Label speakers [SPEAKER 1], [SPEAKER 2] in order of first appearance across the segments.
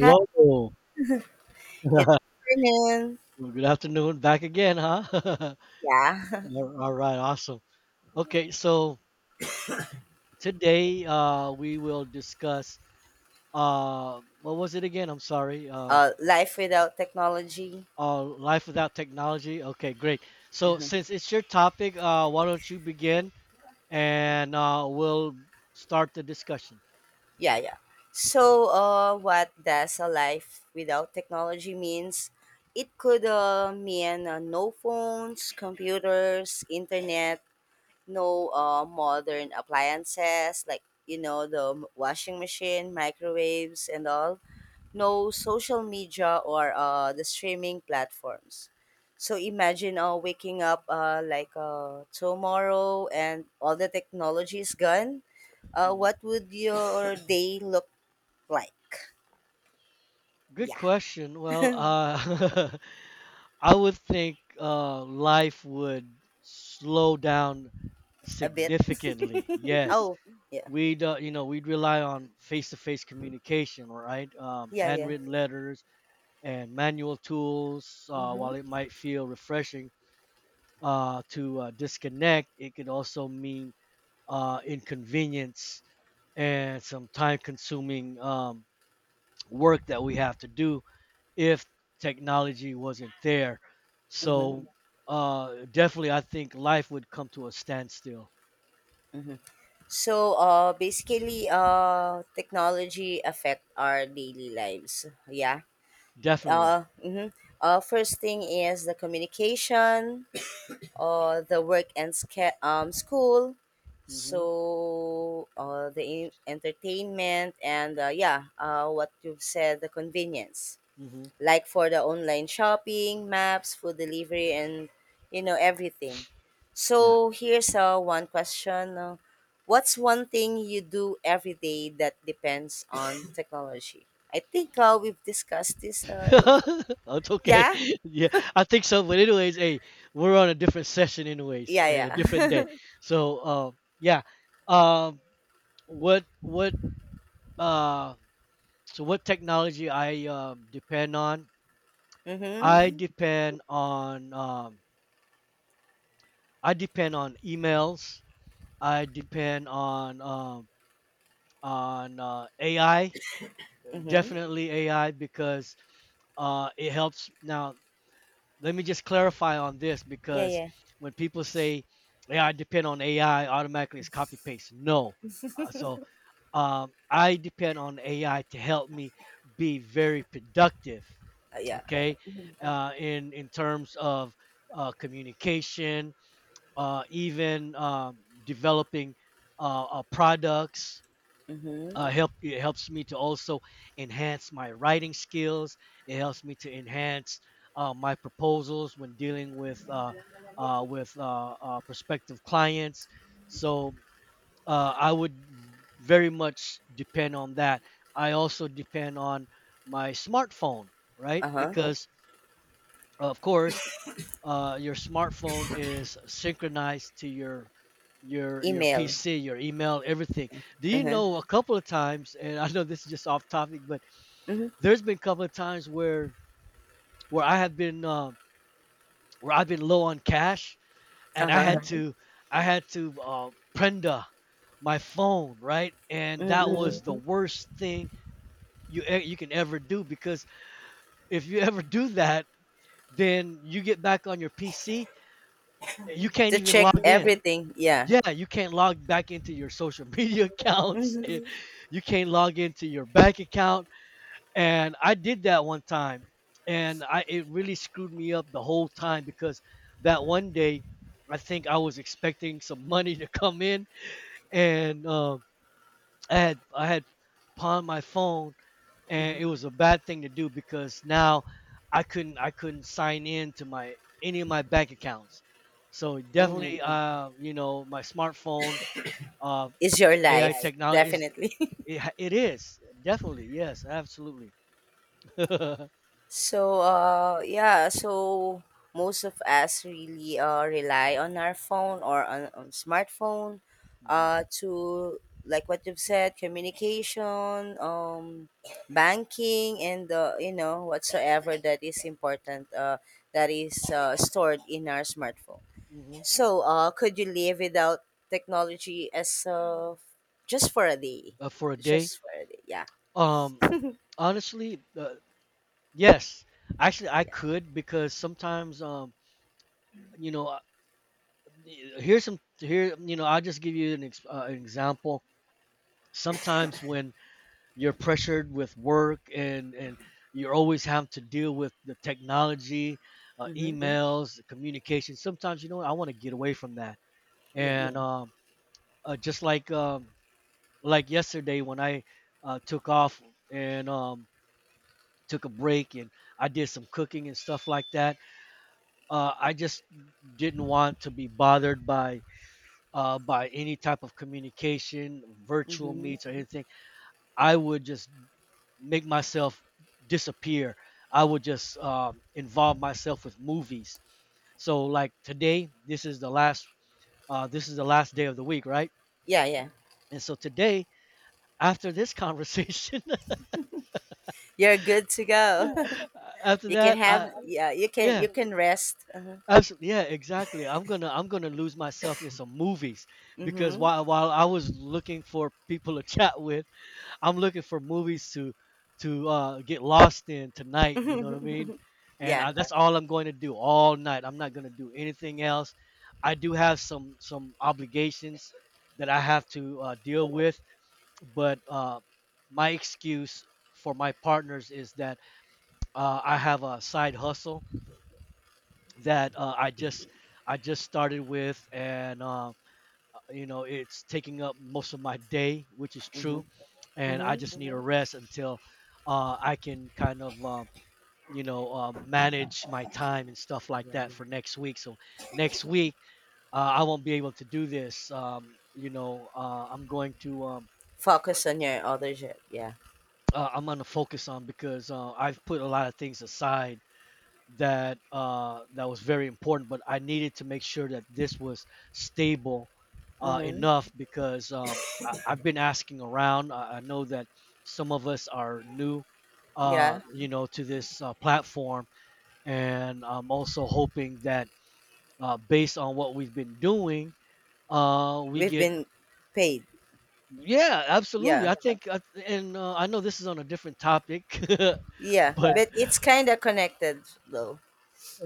[SPEAKER 1] Hi, good afternoon.
[SPEAKER 2] Well, good afternoon. Back again, huh?
[SPEAKER 1] Yeah,
[SPEAKER 2] All right, awesome. Okay, so today, we will discuss. What was it again? I'm sorry.
[SPEAKER 1] life without technology.
[SPEAKER 2] Life without technology. Okay, great. So
[SPEAKER 1] Hmm.
[SPEAKER 2] since it's your topic, why don't you begin and we'll start the discussion.
[SPEAKER 1] Yeah, yeah. So, what does a life without technology means? It could mean no phones, computers, internet, no modern appliances like the washing machine, microwaves, and all, no social media or the streaming platforms. So imagine waking up like tomorrow and all the technology is gone.
[SPEAKER 2] Mhm.
[SPEAKER 1] What would your day look like?
[SPEAKER 2] Good
[SPEAKER 1] Yeah,
[SPEAKER 2] question. Well, I would think life would slow down
[SPEAKER 1] a bit.
[SPEAKER 2] significantly. Yes,
[SPEAKER 1] Oh, yeah,
[SPEAKER 2] we'd you know we'd rely on face-to-face communication, right?
[SPEAKER 1] yeah, yeah.
[SPEAKER 2] Handwritten letters and manual tools.
[SPEAKER 1] Mm-hmm.
[SPEAKER 2] While it might feel refreshing to disconnect, it could also mean inconvenience and some time-consuming work that we have to do if technology wasn't there.
[SPEAKER 1] Mm-hmm.
[SPEAKER 2] So definitely, I think life would come to a standstill.
[SPEAKER 1] Mm-hmm. So, basically, technology affect our daily lives. Yeah.
[SPEAKER 2] Definitely.
[SPEAKER 1] Mm-hmm. First thing is the communication. The work and school,
[SPEAKER 2] Hmm.
[SPEAKER 1] so the entertainment, and yeah, what you've said, the convenience,
[SPEAKER 2] Hmm.
[SPEAKER 1] like for the online shopping, maps, food delivery, and you know, everything.
[SPEAKER 2] Yeah.
[SPEAKER 1] So here's one question, what's one thing you do every day that depends on technology? I think we've discussed this, if
[SPEAKER 2] That's okay.
[SPEAKER 1] yeah,
[SPEAKER 2] Yeah, I think so. But anyways, hey, we're on a different session anyways,
[SPEAKER 1] yeah,
[SPEAKER 2] and a different day.
[SPEAKER 1] yeah.
[SPEAKER 2] So yeah. Um, what what uh, what technology I depend on?
[SPEAKER 1] Mm-hmm.
[SPEAKER 2] I hmm depend on um, I depend on emails. I depend on AI,
[SPEAKER 1] Mm-hmm.
[SPEAKER 2] definitely AI, because it helps. Now, let me just clarify on this,
[SPEAKER 1] Yeah,
[SPEAKER 2] because
[SPEAKER 1] yeah,
[SPEAKER 2] when people say, "Yeah, I depend on AI," automatically it's copy paste. No, so I depend on AI to help me be very productive.
[SPEAKER 1] yeah.
[SPEAKER 2] Okay, in terms of communication, even developing products.
[SPEAKER 1] Mhm.
[SPEAKER 2] Help It helps me to also enhance my writing skills. It helps me to enhance my proposals when dealing with prospective clients. So I would very much depend on that. I also depend on my smartphone, right?
[SPEAKER 1] Uh-huh.
[SPEAKER 2] Because of course your smartphone is synchronized to your
[SPEAKER 1] Email.
[SPEAKER 2] PC, your email, everything. Do you
[SPEAKER 1] Uh-huh.
[SPEAKER 2] know a couple of times? And I know this is just off topic, but
[SPEAKER 1] Mhm.
[SPEAKER 2] there's been a couple of times where I have been uh, where I've been low on cash, and
[SPEAKER 1] Uh-huh.
[SPEAKER 2] I had to prenda my phone, right? And that
[SPEAKER 1] Mhm.
[SPEAKER 2] was the worst thing you can ever do, because if you ever do that, then you get back on your PC, you can't
[SPEAKER 1] To
[SPEAKER 2] even
[SPEAKER 1] check
[SPEAKER 2] log in.
[SPEAKER 1] everything. Yeah.
[SPEAKER 2] Yeah, you can't log back into your social media accounts.
[SPEAKER 1] Mhm.
[SPEAKER 2] You can't log into your bank account. And I did that one time, and I it really screwed me up the whole time because that one day, I think I was expecting some money to come in, and I had pawned my phone, and it was a bad thing to do because now I couldn't sign in to my any of my bank accounts. So
[SPEAKER 1] Oh my.
[SPEAKER 2] definitely, my smartphone, uh,
[SPEAKER 1] Is your
[SPEAKER 2] the AI
[SPEAKER 1] life
[SPEAKER 2] technology, yeah, is
[SPEAKER 1] definitely.
[SPEAKER 2] it is, definitely, yes, absolutely. Hmm.
[SPEAKER 1] So yeah, so most of us really rely on our phone, or on smartphone, to, like what you've said, communication, banking, and whatsoever that is important, that is stored in our smartphone.
[SPEAKER 2] Hmm.
[SPEAKER 1] So, could you live without technology, as just for a day?
[SPEAKER 2] For a day,
[SPEAKER 1] Just for a day. Yeah.
[SPEAKER 2] um, honestly, yes, actually I
[SPEAKER 1] Yeah.
[SPEAKER 2] could, because sometimes, you know, uh, here's some here, you know, I'll just give you an example. Sometimes when you're pressured with work, and you're always having to deal with the technology, Mhm.
[SPEAKER 1] Mm-hmm.
[SPEAKER 2] emails, communication. Sometimes, I want to get away from that,
[SPEAKER 1] Yeah.
[SPEAKER 2] yeah, and just like yesterday when I took off and took a break and I did some cooking and stuff like that. I just didn't want to be bothered by any type of communication, virtual
[SPEAKER 1] Mm-hmm.
[SPEAKER 2] meets or anything. I would just make myself disappear. I would just involve myself with movies. So like today, this is the last day of the week, right?
[SPEAKER 1] Yeah. Yeah.
[SPEAKER 2] And so today, after this conversation.
[SPEAKER 1] You're good to go.
[SPEAKER 2] After
[SPEAKER 1] You can
[SPEAKER 2] that,
[SPEAKER 1] have.
[SPEAKER 2] I
[SPEAKER 1] Yeah. You can.
[SPEAKER 2] yeah,
[SPEAKER 1] You can rest. Uh huh.
[SPEAKER 2] absolutely, yeah, exactly. I'm gonna lose myself in some movies, because
[SPEAKER 1] Mm-hmm.
[SPEAKER 2] while I was looking for people to chat with, I'm looking for movies to get lost in tonight. You know what I mean? And
[SPEAKER 1] Yeah.
[SPEAKER 2] that's all I'm going to do all night. I'm not gonna do anything else. I do have some obligations that I have to deal with, but my excuse for my partners is that I have a side hustle that I just started with, and it's taking up most of my day, which is
[SPEAKER 1] Mm-hmm.
[SPEAKER 2] true, and I
[SPEAKER 1] Mm-hmm.
[SPEAKER 2] just need a rest until I can kind of manage my time and stuff like
[SPEAKER 1] Yeah.
[SPEAKER 2] that for next week. So next week, I won't be able to do this. I'm going to
[SPEAKER 1] Focus on your other job. Yeah.
[SPEAKER 2] I'm gonna focus on, because I've put a lot of things aside that was very important, but I needed to make sure that this was stable
[SPEAKER 1] Mm-hmm.
[SPEAKER 2] enough, because I've been asking around. I know that some of us are new,
[SPEAKER 1] Yeah.
[SPEAKER 2] to this platform, and I'm also hoping that based on what we've been doing, we
[SPEAKER 1] We've
[SPEAKER 2] get.
[SPEAKER 1] been paid.
[SPEAKER 2] Yeah, absolutely.
[SPEAKER 1] Yeah.
[SPEAKER 2] I think, and I know this is on a different topic,
[SPEAKER 1] Yeah.
[SPEAKER 2] but.
[SPEAKER 1] But it's kind of connected though.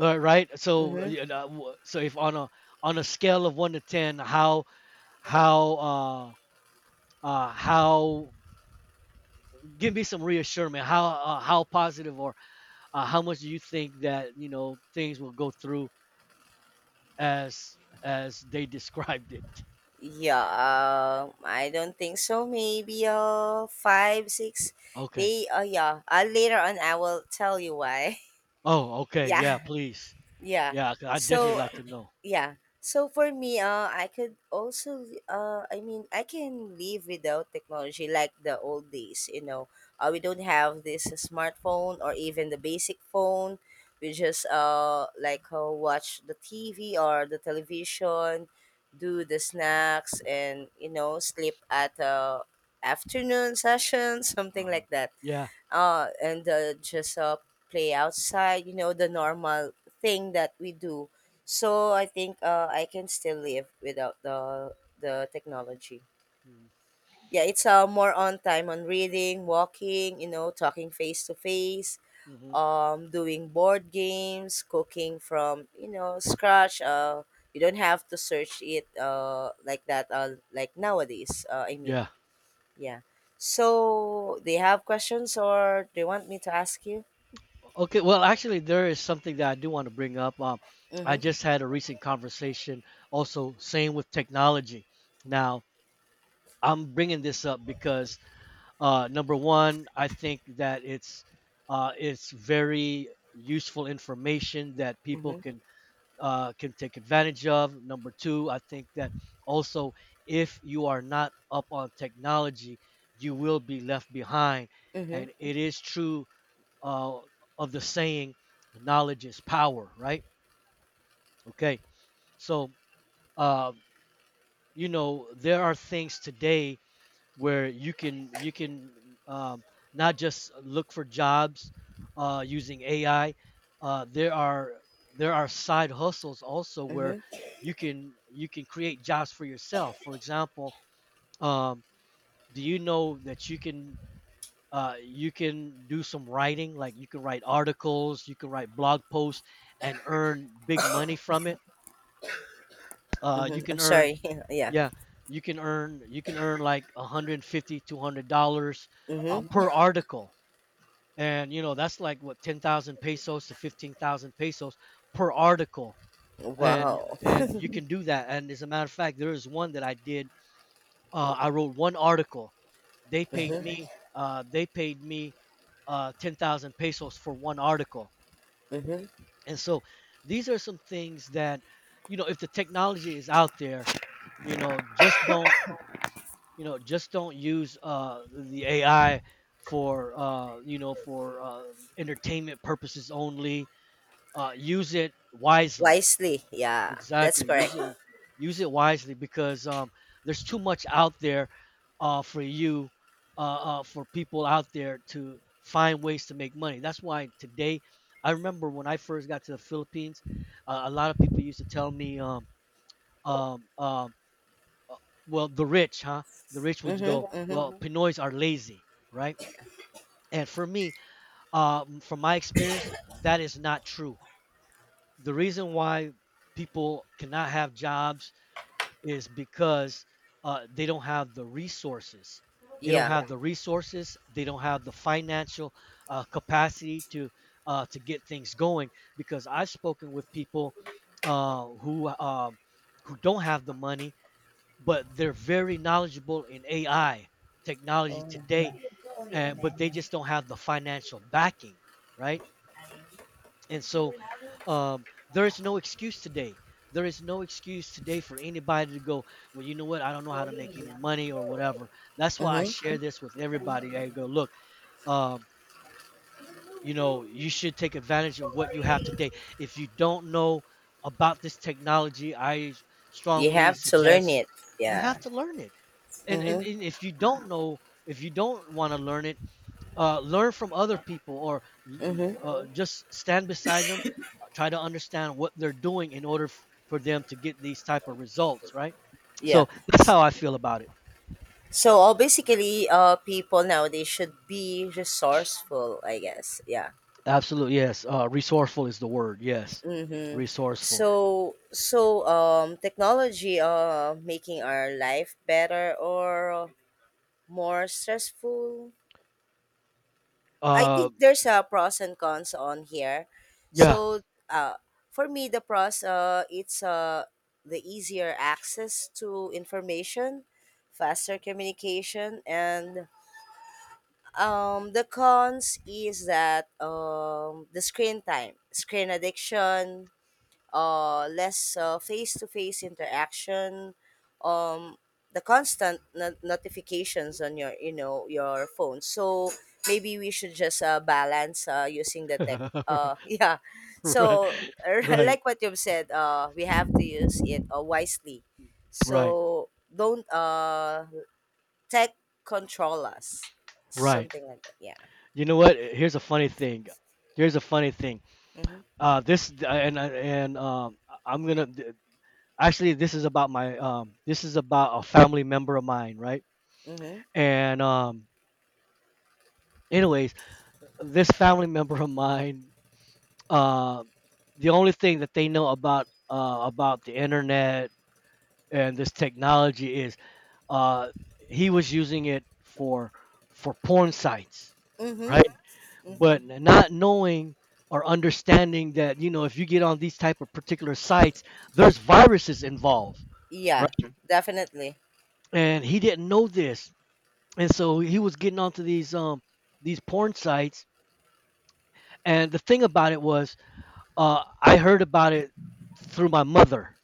[SPEAKER 2] Right. So
[SPEAKER 1] Mm-hmm.
[SPEAKER 2] so if on a scale of one to ten, how, how uh uh how give me some reassurance. How positive, or how much do you think that, things will go through as they described it?
[SPEAKER 1] Yeah, I don't think so. Maybe five, six.
[SPEAKER 2] Okay.
[SPEAKER 1] They yeah. Later on, I will tell you why.
[SPEAKER 2] Oh, okay. Yeah,
[SPEAKER 1] Yeah,
[SPEAKER 2] please.
[SPEAKER 1] yeah.
[SPEAKER 2] Yeah, I definitely
[SPEAKER 1] So
[SPEAKER 2] like to know.
[SPEAKER 1] yeah. So for me, I could also, I mean, I can live without technology like the old days. You know, we don't have this smartphone or even the basic phone. We just like watch the TV or the television, do the snacks, and sleep at afternoon session, something
[SPEAKER 2] Uh huh.
[SPEAKER 1] like that,
[SPEAKER 2] Yeah.
[SPEAKER 1] and just play outside, the normal thing that we do. So I think I can still live without the technology.
[SPEAKER 2] Mm-hmm.
[SPEAKER 1] Yeah, it's more on time on reading, walking, talking face to face,
[SPEAKER 2] Mm-hmm.
[SPEAKER 1] doing board games, cooking from scratch. You don't have to search it like that. Like nowadays, I
[SPEAKER 2] Yeah.
[SPEAKER 1] mean, yeah. So, do you have questions or do you want me to ask you?
[SPEAKER 2] Okay, well, actually, there is something that I do want to bring up. I
[SPEAKER 1] Mhm.
[SPEAKER 2] just had a recent conversation, also same with technology. Now, I'm bringing this up because, number one, I think that it's very useful information that people
[SPEAKER 1] Mhm.
[SPEAKER 2] can take advantage of. Number two, I think that also, if you are not up on technology, you will be left behind,
[SPEAKER 1] Mhm.
[SPEAKER 2] and it is true uh, of the saying, knowledge is power, right? Okay. So, uh, there are things today where you can um, not just look for jobs using AI. There are, side hustles also, where
[SPEAKER 1] Mhm.
[SPEAKER 2] you can create jobs for yourself. For example, um, do you know that you can do some writing, like you can write articles, you can write blog posts, and earn big money from it. You
[SPEAKER 1] Mhm. I'm
[SPEAKER 2] can earn
[SPEAKER 1] sorry. Yeah.
[SPEAKER 2] Yeah, you can earn like 150, $200
[SPEAKER 1] Mhm.
[SPEAKER 2] per article. And, that's like what, 10,000 pesos to 15,000 pesos per article? and
[SPEAKER 1] Wow.
[SPEAKER 2] and you can do that, and as a matter of fact, there is one that I did. I wrote one article. They paid
[SPEAKER 1] Mhm.
[SPEAKER 2] me. They paid me 10,000 pesos for one article.
[SPEAKER 1] Mhm.
[SPEAKER 2] And so, these are some things that, if the technology is out there, you know, just don't, just don't use the AI for entertainment purposes only. Use it wisely.
[SPEAKER 1] Wisely. Yeah. That's
[SPEAKER 2] Exactly.
[SPEAKER 1] correct.
[SPEAKER 2] Use it wisely, because there's too much out there, for you, for people out there to find ways to make money. That's why today, I remember when I first got to the Philippines, a lot of people used to tell me, um, um, uh, well, the rich, huh? The rich would
[SPEAKER 1] Mhm.
[SPEAKER 2] go,
[SPEAKER 1] Mhm.
[SPEAKER 2] well, mm-hmm, Pinoys are lazy, right? And for me, from my experience, that is not true. The reason why people cannot have jobs is because they don't have the resources. They don't
[SPEAKER 1] Yeah.
[SPEAKER 2] have, yeah, the resources. They don't have the financial capacity to get things going. Because I've spoken with people, uh, who um who don't have the money, but they're very knowledgeable in AI technology
[SPEAKER 1] Oh.
[SPEAKER 2] today, and but they just don't have the financial backing, right? And so, there is no excuse today. There is no excuse today for anybody to go, well, you know what? I don't know how to make any money or whatever. That's why I
[SPEAKER 1] Mhm.
[SPEAKER 2] share this with everybody. I go, look, um, you should take advantage of what you have today. If you don't know about this technology, I
[SPEAKER 1] You
[SPEAKER 2] strongly
[SPEAKER 1] have to learn
[SPEAKER 2] suggest
[SPEAKER 1] it.
[SPEAKER 2] you have
[SPEAKER 1] Yeah.
[SPEAKER 2] to learn it. And, and,
[SPEAKER 1] Mhm.
[SPEAKER 2] and if you don't know, if you don't want to learn it, learn from other people. Or
[SPEAKER 1] Mhm.
[SPEAKER 2] just stand beside them, try to understand what they're doing in order for them to get these type of results, right?
[SPEAKER 1] Yeah.
[SPEAKER 2] So that's how I feel about it.
[SPEAKER 1] So basically, people nowadays should be resourceful, I guess. Yeah.
[SPEAKER 2] Absolutely, yes. Resourceful is the word, yes.
[SPEAKER 1] Mm-hmm.
[SPEAKER 2] Resourceful.
[SPEAKER 1] Technology, making our life better or more stressful. I
[SPEAKER 2] uh,
[SPEAKER 1] think there's a pros and cons on here.
[SPEAKER 2] yeah.
[SPEAKER 1] So, uh, for me, the pros, it's the easier access to information, faster communication, and the cons is that the screen time, screen addiction, less face-to-face interaction, um, the constant notifications on your phone. So maybe we should just balance using the tech. Yeah.
[SPEAKER 2] Right.
[SPEAKER 1] So
[SPEAKER 2] Right.
[SPEAKER 1] like what you've said, we have to use it wisely.
[SPEAKER 2] Right.
[SPEAKER 1] So don't tech control us.
[SPEAKER 2] Right.
[SPEAKER 1] Something like that. Yeah.
[SPEAKER 2] You know what, here's a funny thing. Here's a funny thing.
[SPEAKER 1] Mm-hmm.
[SPEAKER 2] Uh, this and and um, i'm gonna actually this is about my this is about a family member of mine, right?
[SPEAKER 1] Mm-hmm.
[SPEAKER 2] And anyways, this family member of mine, uh the only thing that they know about the internet and this technology is, uh he was using it for porn sites,
[SPEAKER 1] Mm-hmm.
[SPEAKER 2] right?
[SPEAKER 1] Mm-hmm.
[SPEAKER 2] But not knowing or understanding that, you know, if you get on these type of particular sites, there's viruses involved,
[SPEAKER 1] Yeah,
[SPEAKER 2] right?
[SPEAKER 1] definitely.
[SPEAKER 2] And he didn't know this. And so he was getting onto these porn sites. And the thing about it was, I heard about it through my mother.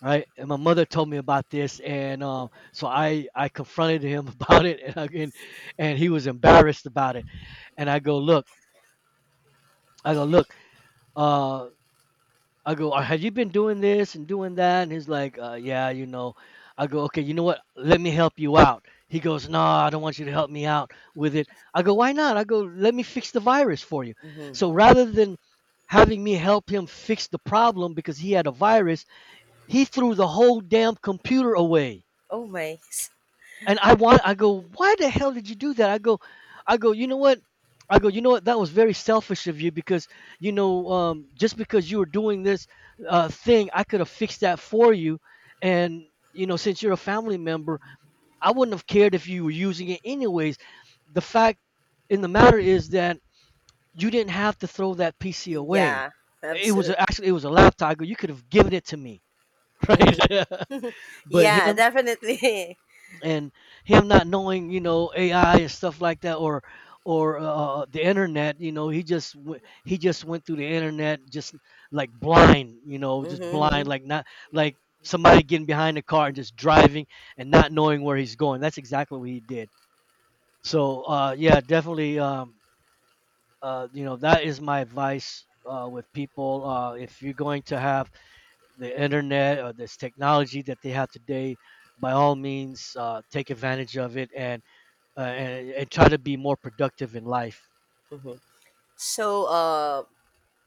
[SPEAKER 2] Right? And my mother told me about this, and so I confronted him about it. And he was embarrassed about it. And I go, look. I go, look. uh I go, have you been doing this and doing that?" And he's like, "Uh, yeah, you know." I go, "Okay, you know what? Let me help you out." He goes, "No, I don't want you to help me out with it." I go, "Why not?" I go, "Let me fix the virus for you."
[SPEAKER 1] Mm-hmm.
[SPEAKER 2] So rather than having me help him fix the problem because he had a virus, he threw the whole damn computer away.
[SPEAKER 1] Oh my.
[SPEAKER 2] And I want I go, "Why the hell did you do that?" I go, you know what? I go, you know what? That was very selfish of you. Because, you know, just because you were doing this thing, I could have fixed that for you. And, you know, since you're a family member, I wouldn't have cared if you were using it anyways. The fact in the matter is that you didn't have to throw that PC away.
[SPEAKER 1] Yeah,
[SPEAKER 2] It was
[SPEAKER 1] absolutely.
[SPEAKER 2] actually it was a laptop. I go, you could have given it to me,
[SPEAKER 1] Hmm.
[SPEAKER 2] right? But
[SPEAKER 1] Yeah,
[SPEAKER 2] him,
[SPEAKER 1] definitely.
[SPEAKER 2] and him not knowing, you know, AI and stuff like that, or the internet. You know, he just he just went through the internet just like blind. You know, just
[SPEAKER 1] Hmm.
[SPEAKER 2] blind, like not like somebody getting behind the car and just driving and not knowing where he's going. That's exactly what he did. So yeah, definitely. You know, that is my advice with people. If you're going to have the internet or this technology that they have today, by all means, take advantage of it. And and try to be more productive in life.
[SPEAKER 1] Hmm. So,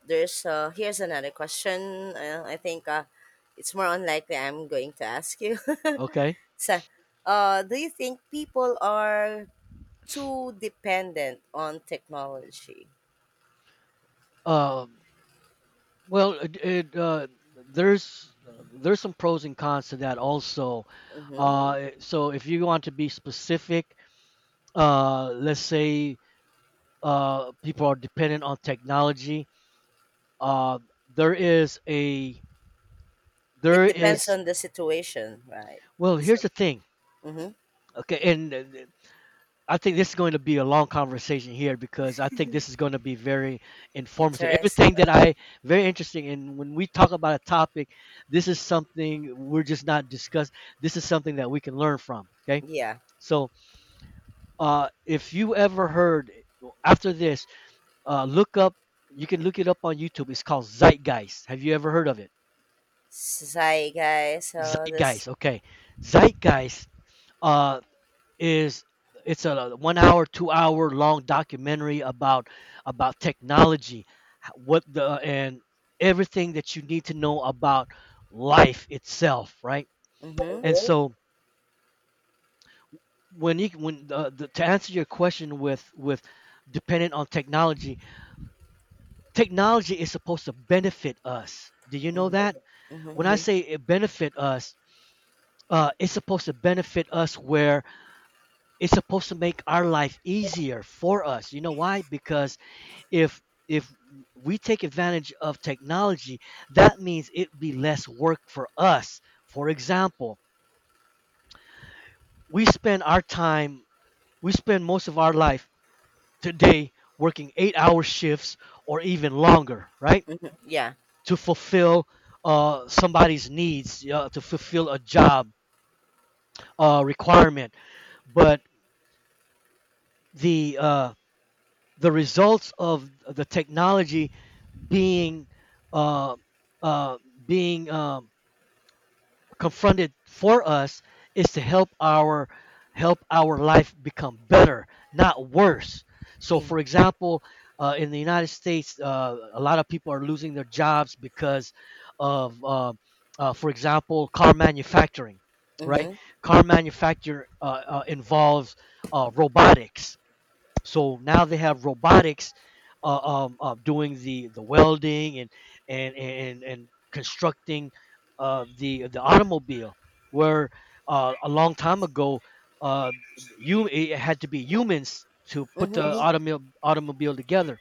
[SPEAKER 1] there's here's another question. I think it's more unlikely I'm going to ask you.
[SPEAKER 2] Okay.
[SPEAKER 1] So, do you think people are too dependent on technology?
[SPEAKER 2] Um, well, there's some pros and cons to that also.
[SPEAKER 1] Hmm.
[SPEAKER 2] So if you want to be specific, let's say people are dependent on technology. Uh, there is a
[SPEAKER 1] It
[SPEAKER 2] there
[SPEAKER 1] depends
[SPEAKER 2] is
[SPEAKER 1] on the situation, right?
[SPEAKER 2] Well, here's the
[SPEAKER 1] Something.
[SPEAKER 2] thing.
[SPEAKER 1] Hmm.
[SPEAKER 2] Okay, and I think this is going to be a long conversation here, because I think this is going to be very informative.
[SPEAKER 1] Interesting.
[SPEAKER 2] Everything that I Very interesting. And when we talk about a topic, this is something we're just not discuss. This is something that we can learn from. Okay,
[SPEAKER 1] Yeah.
[SPEAKER 2] so if you ever heard after this, look up. You can look it up on YouTube. It's called Zeitgeist. Have you ever heard of it?
[SPEAKER 1] So, hi guys. So this.
[SPEAKER 2] Zeitgeist. Okay, Zeitgeist. Uh, is it's a 1 hour 2 hour long documentary about technology, what the and everything that you need to know about life itself, right?
[SPEAKER 1] Mm-hmm.
[SPEAKER 2] And so when you when the, to answer your question, with dependent on technology, technology is supposed to benefit us. Do you know
[SPEAKER 1] Mm-hmm.
[SPEAKER 2] that?
[SPEAKER 1] Mm-hmm.
[SPEAKER 2] When I say it benefit us, it's supposed to benefit us where it's supposed to make our life easier for us. You know why? Because if if we take advantage of technology, that means it'd be less work for us. For example, we spend our time we spend most of our life today working 8 hour shifts or even longer, right?
[SPEAKER 1] Yeah.
[SPEAKER 2] To fulfill somebody's needs, to fulfill a job requirement. But the uh, the results of the technology being uh, uh, being confronted for us is to help our life become better, not worse. So
[SPEAKER 1] Mm
[SPEAKER 2] for example, in the United States, a lot of people are losing their jobs because of for example, car manufacturing,
[SPEAKER 1] hmm.
[SPEAKER 2] right?
[SPEAKER 1] Mm
[SPEAKER 2] Car manufacture involves robotics. So now they have robotics uh, doing the welding and constructing the the automobile. Where a long time ago, uh, you it had to be humans to put
[SPEAKER 1] hmm.
[SPEAKER 2] the automobile automobile together.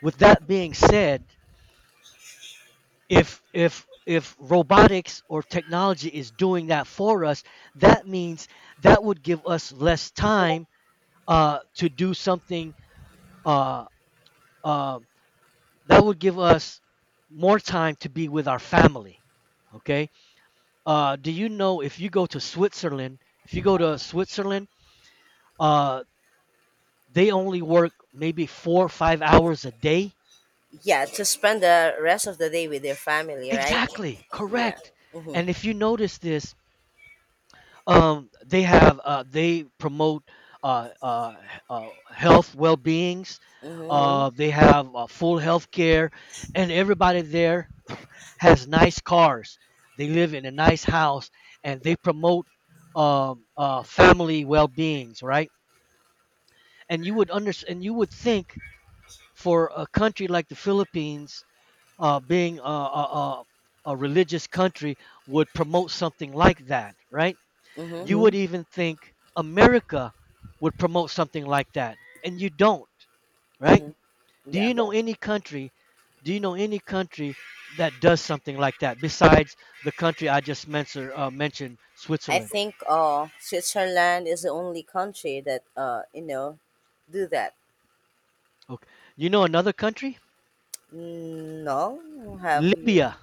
[SPEAKER 2] With that being said, if robotics or technology is doing that for us, that means that would give us less time to do something. Uh, uh, that would give us more time to be with our family. Okay. Do you know, if you go to Switzerland, if you go to Switzerland, uh, they only work maybe 4 or 5 hours a day.
[SPEAKER 1] Yeah, to spend the rest of the day with your family, right?
[SPEAKER 2] Exactly,
[SPEAKER 1] Yeah.
[SPEAKER 2] correct.
[SPEAKER 1] Mm hmm.
[SPEAKER 2] And if you notice this, they have, they promote uh, uh, health well-beings. Hmm.
[SPEAKER 1] Mm
[SPEAKER 2] They have, full health care, and everybody there has nice cars. They live in a nice house, and they promote family well-beings, right? And you would understand. And you would think, for a country like the Philippines, being a religious country, would promote something like that, right?
[SPEAKER 1] hmm. Mm hmm.
[SPEAKER 2] You would even think America would promote something like that, and you don't, right?
[SPEAKER 1] Mm hmm.
[SPEAKER 2] Do
[SPEAKER 1] Yeah.
[SPEAKER 2] you know Yeah. any country? Do you know any country that does something like that besides the country I just mentioned,
[SPEAKER 1] I
[SPEAKER 2] Switzerland?
[SPEAKER 1] think Switzerland is the only country that, do that.
[SPEAKER 2] Okay. You know another country?
[SPEAKER 1] Mm. No? Have you?
[SPEAKER 2] Libya.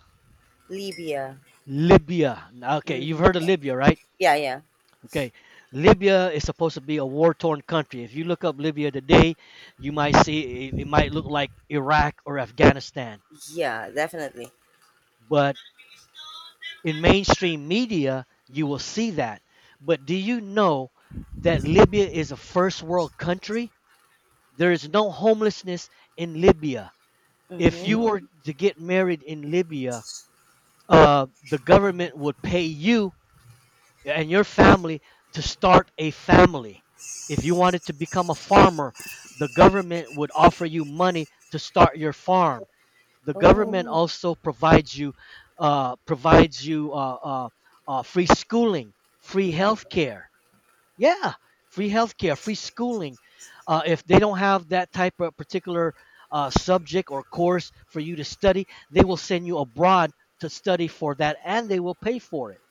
[SPEAKER 1] Libya.
[SPEAKER 2] Libya. Okay, you've
[SPEAKER 1] Mm-hmm.
[SPEAKER 2] heard of Libya, right?
[SPEAKER 1] Yeah, yeah.
[SPEAKER 2] Okay. Libya is supposed to be a war-torn country. If you look up Libya today, you might see it, it might look like Iraq or Afghanistan.
[SPEAKER 1] Yeah, definitely.
[SPEAKER 2] But in mainstream media, you will see that. But do you know that Libya is a first world country? There is no homelessness in Libya. If you
[SPEAKER 1] Mm-hmm.
[SPEAKER 2] were to get married in Libya, the government would pay you and your family to start a family. If you wanted to become a farmer, the government would offer you money to start your farm. The
[SPEAKER 1] Oh,
[SPEAKER 2] government also provides you uh, provides you uh, uh, free schooling, free
[SPEAKER 1] mm-hmm.
[SPEAKER 2] healthcare. Yeah, free healthcare, free schooling. If they don't have that type of particular subject or course for you to study, they will send you abroad to study for that, and they will pay for it.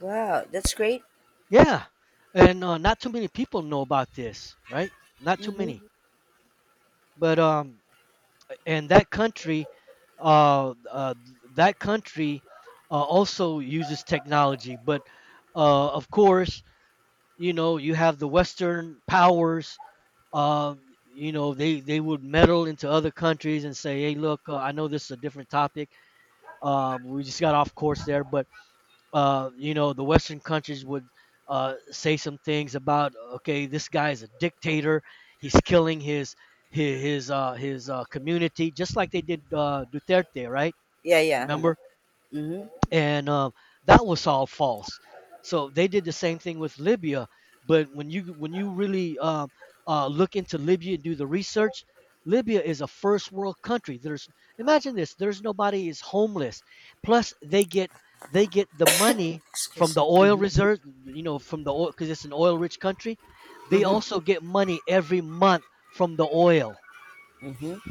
[SPEAKER 1] Wow. That's great.
[SPEAKER 2] Yeah. And not too many people know about this, right? Not too
[SPEAKER 1] Mm-hmm.
[SPEAKER 2] many. But and that country, uh, uh, that country also uses technology. But of course, you know, you have the Western powers. You know, they would meddle into other countries and say, hey, look, I know this is a different topic. We just got off course there. But you know, the Western countries would, say some things about, okay, this guy is a dictator, he's killing his community, just like they did Duterte, right?
[SPEAKER 1] Yeah,
[SPEAKER 2] Mm,
[SPEAKER 1] yeah.
[SPEAKER 2] remember?
[SPEAKER 1] Mm-hmm.
[SPEAKER 2] And that was all false. So they did the same thing with Libya. But when you really look into Libya and do the research, Libya is a first world country. There's imagine this. There's nobody is homeless. Plus they get the money from
[SPEAKER 1] Excuse.
[SPEAKER 2] the oil reserves. You know, from the oil, because it's an oil rich country. They
[SPEAKER 1] Mm-hmm.
[SPEAKER 2] also get money every month from the oil.
[SPEAKER 1] Mm-hmm.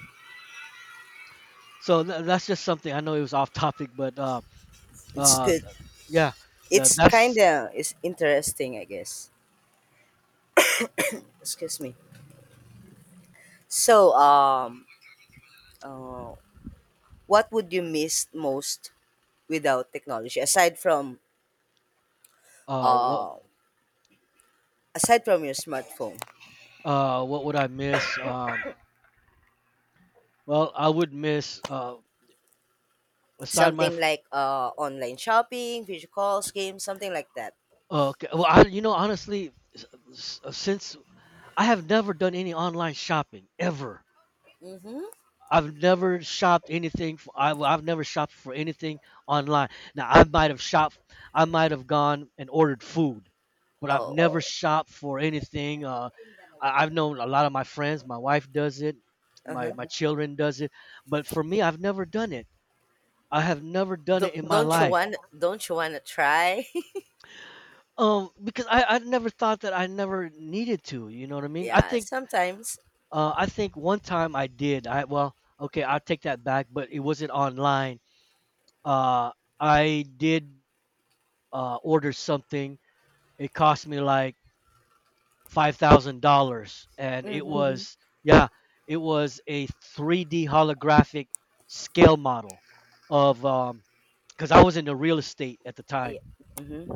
[SPEAKER 2] So that's just something, I know it was off topic, but
[SPEAKER 1] It's
[SPEAKER 2] uh,
[SPEAKER 1] good.
[SPEAKER 2] yeah,
[SPEAKER 1] It's kind
[SPEAKER 2] that's
[SPEAKER 1] of it's interesting, I guess. Excuse me. So, uh, what would you miss most without technology aside from
[SPEAKER 2] uh what
[SPEAKER 1] uh your smartphone?
[SPEAKER 2] uh, what would I miss? Well, I would miss, aside
[SPEAKER 1] Something like online shopping, video calls, games, something like that.
[SPEAKER 2] okay, well, I, you know, honestly, since I have never done any online shopping ever.
[SPEAKER 1] Mm-hmm.
[SPEAKER 2] I've never shopped for anything online. Now I might have shopped, I might have gone and ordered food, but I've
[SPEAKER 1] Oh,
[SPEAKER 2] never— Oh, shopped for anything, I, I've known a lot of my friends, my wife does it,
[SPEAKER 1] uh-huh.
[SPEAKER 2] my children does it, but for me, I've never done it. I have never done it in my
[SPEAKER 1] Don't you
[SPEAKER 2] life.
[SPEAKER 1] want? Don't you want to try?
[SPEAKER 2] Because I never thought that I never needed to. You know what I mean?
[SPEAKER 1] Yeah, sometimes.
[SPEAKER 2] I think one time I did. I Well, okay, I'll take that back. But it wasn't online. Uh, I did order something. It cost me like $5,000, and it— Mhm.
[SPEAKER 1] Mm-hmm.
[SPEAKER 2] —was, yeah, it was a 3D holographic scale model of because I was in the real estate at the time.
[SPEAKER 1] Yeah. Mm-hmm.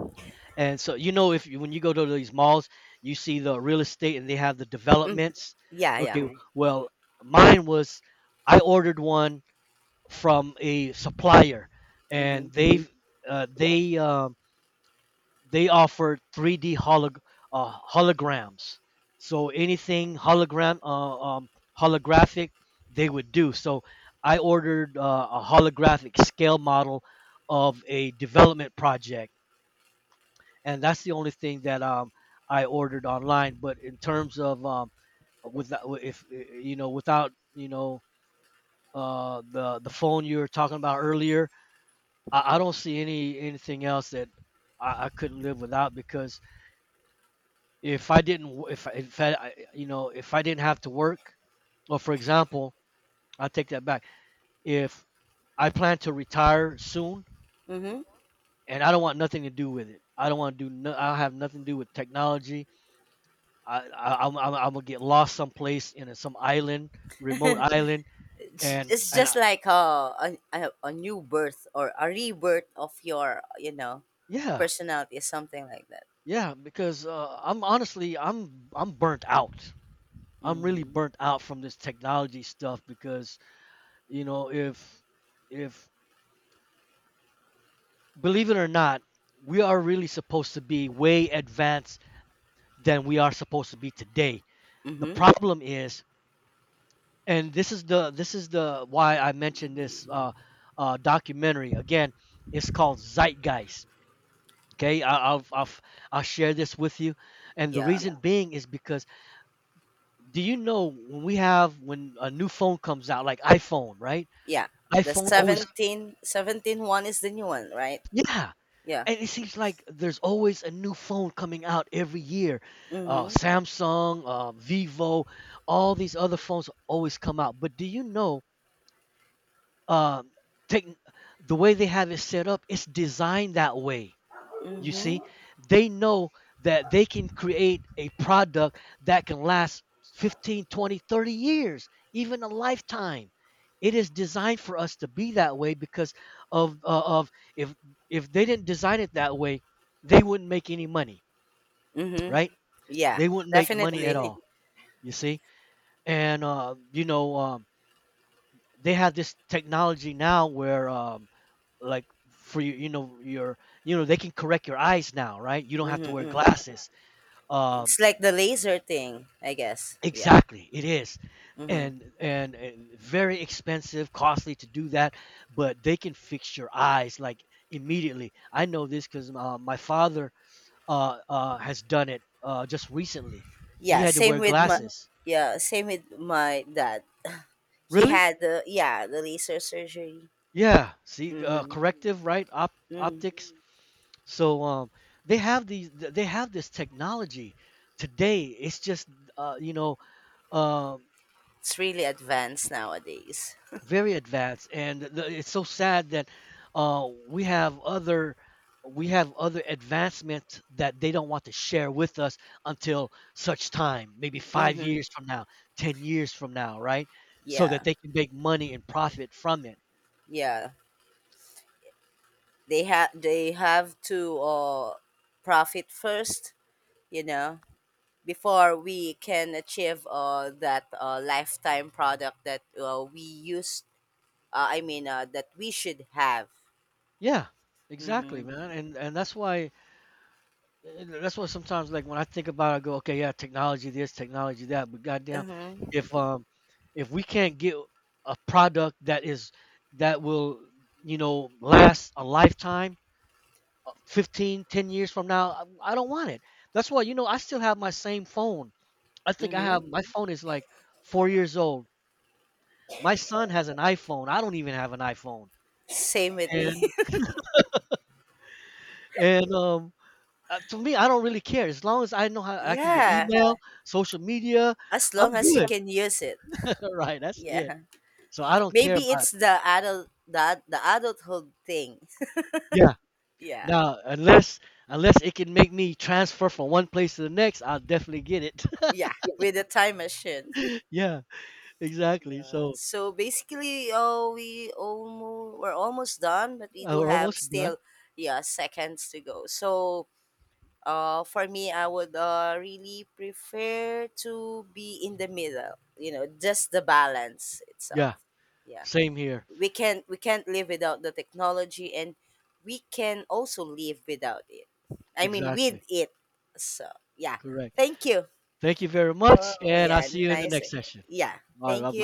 [SPEAKER 2] And so, you know, if you, when you go to these malls, you see the real estate and they have the
[SPEAKER 1] Hmm.
[SPEAKER 2] developments.
[SPEAKER 1] Yeah, yeah.
[SPEAKER 2] Okay, well, mine was, I ordered one from a supplier
[SPEAKER 1] Mm-hmm.
[SPEAKER 2] and uh, they um, they offered holograms. So anything hologram holographic they would do. So I ordered a holographic scale model of a development project, and that's the only thing that I ordered online. But in terms of without, the phone you were talking about earlier, I don't see anything else that I couldn't live without, because if I didn't, if I didn't have to work, or for example, I take that back. If I plan to retire soon,
[SPEAKER 1] Mm-hmm.
[SPEAKER 2] and I don't want nothing to do with it. I don't want to do. No, I have nothing to do with technology. I I'm gonna get lost someplace in some island, remote island,
[SPEAKER 1] it's it's
[SPEAKER 2] and
[SPEAKER 1] just
[SPEAKER 2] I,
[SPEAKER 1] like a new birth, or a rebirth of your
[SPEAKER 2] yeah,
[SPEAKER 1] personality, something like that.
[SPEAKER 2] yeah, because I'm honestly I'm burnt out. I'm really
[SPEAKER 1] Mm-hmm.
[SPEAKER 2] burnt out from this technology stuff, because you know, if, believe it or not, we are really supposed to be way advanced than we are supposed to be today. The
[SPEAKER 1] Mm-hmm.
[SPEAKER 2] problem is, and this is the why I mentioned this documentary again. It's called Zeitgeist. Okay, I- I'll will I I'll share this with you, and the
[SPEAKER 1] Yeah,
[SPEAKER 2] reason, yeah, being is because, do you know, when we have, when a new phone comes out, like iPhone, right?
[SPEAKER 1] yeah. The
[SPEAKER 2] iPhone, that's always, sir.
[SPEAKER 1] seventeen one is the new one, right?
[SPEAKER 2] Yeah,
[SPEAKER 1] Yeah.
[SPEAKER 2] and it seems like there's always a new phone coming out every year.
[SPEAKER 1] Mm-hmm.
[SPEAKER 2] Samsung, Vivo, all these other phones always come out. But do you know, um, take the way they have it set up, it's designed that way. You see, they know that they can create a product that can last 15, 20, 30 years, even a lifetime. It is designed for us to be that way because of if they didn't design it that way, they wouldn't make any money,
[SPEAKER 1] Mm-hmm.
[SPEAKER 2] right?
[SPEAKER 1] Yeah,
[SPEAKER 2] They wouldn't make money at
[SPEAKER 1] definitely.
[SPEAKER 2] all. You see, and you know, they have this technology now where, like for you, you know, your, you know, they can correct your eyes now, right? You don't have to wear
[SPEAKER 1] Mm-hmm.
[SPEAKER 2] glasses. Um,
[SPEAKER 1] It's like the laser thing, I guess. Yeah.
[SPEAKER 2] exactly, it is,
[SPEAKER 1] Mm-hmm.
[SPEAKER 2] and, and very expensive, costly to do that, but they can fix your eyes like immediately. I know this because my father has done it just recently. He
[SPEAKER 1] Yeah,
[SPEAKER 2] had to wear glasses.
[SPEAKER 1] same with my dad. He
[SPEAKER 2] Really?
[SPEAKER 1] had the laser surgery.
[SPEAKER 2] Yeah. See,
[SPEAKER 1] Mm-hmm.
[SPEAKER 2] corrective, right?
[SPEAKER 1] Mm-hmm.
[SPEAKER 2] Optics. So they have these. They have this technology today. It's just you know, um
[SPEAKER 1] It's really advanced nowadays.
[SPEAKER 2] very advanced, and the, it's so sad that uh, we have other we have other advancements that they don't want to share with us until such time, maybe five
[SPEAKER 1] Mm-hmm.
[SPEAKER 2] years from now, 10 years from now, right? So that
[SPEAKER 1] Yeah,
[SPEAKER 2] they can make money and profit from it.
[SPEAKER 1] yeah. They have to profit first, you know, before we can achieve that lifetime product that we used. I mean, that we should have.
[SPEAKER 2] Yeah, exactly,
[SPEAKER 1] Mm-hmm.
[SPEAKER 2] man, and that's why, that's what sometimes, like when I think about it, I go, okay, yeah, technology this, technology that, but goddamn,
[SPEAKER 1] Mm-hmm.
[SPEAKER 2] if um if we can't get a product that is, that will, you know, last a lifetime 15, 10 years from now, I don't want it. That's why, you know, I still have my same phone. I think I
[SPEAKER 1] Mm-hmm.
[SPEAKER 2] have, my phone is like 4 years old. My son has an iPhone, I don't even have an iPhone,
[SPEAKER 1] Same with me.
[SPEAKER 2] and and um to me, I don't really care, as long as I know how I can get
[SPEAKER 1] Yeah,
[SPEAKER 2] email, social media,
[SPEAKER 1] as
[SPEAKER 2] I'm
[SPEAKER 1] long as you
[SPEAKER 2] good.
[SPEAKER 1] can use it.
[SPEAKER 2] Right, that's it.
[SPEAKER 1] Yeah,
[SPEAKER 2] So I don't care
[SPEAKER 1] maybe
[SPEAKER 2] about
[SPEAKER 1] it's
[SPEAKER 2] it.
[SPEAKER 1] the adult that the adulthood thing.
[SPEAKER 2] Yeah.
[SPEAKER 1] Yeah.
[SPEAKER 2] Now, unless it can make me transfer from one place to the next, I'll definitely get it.
[SPEAKER 1] Yeah, with a time machine.
[SPEAKER 2] Yeah, exactly.
[SPEAKER 1] Yeah.
[SPEAKER 2] So
[SPEAKER 1] So basically, oh, we're almost done, but we do
[SPEAKER 2] we're
[SPEAKER 1] have
[SPEAKER 2] almost done.
[SPEAKER 1] still yeah seconds to go. So for me, I would really prefer to be in the middle. You know, just the balance
[SPEAKER 2] Yeah,
[SPEAKER 1] itself. Yeah,
[SPEAKER 2] same here.
[SPEAKER 1] we can't live without the technology, and we can also live without it. I mean, with
[SPEAKER 2] Exactly.
[SPEAKER 1] it. So yeah,
[SPEAKER 2] Correct.
[SPEAKER 1] thank you.
[SPEAKER 2] Thank you very much,
[SPEAKER 1] Oh,
[SPEAKER 2] and I'll
[SPEAKER 1] yeah,
[SPEAKER 2] see you in the
[SPEAKER 1] nice.
[SPEAKER 2] next session.
[SPEAKER 1] Yeah,
[SPEAKER 2] All right, bye
[SPEAKER 1] thank
[SPEAKER 2] bye.
[SPEAKER 1] you.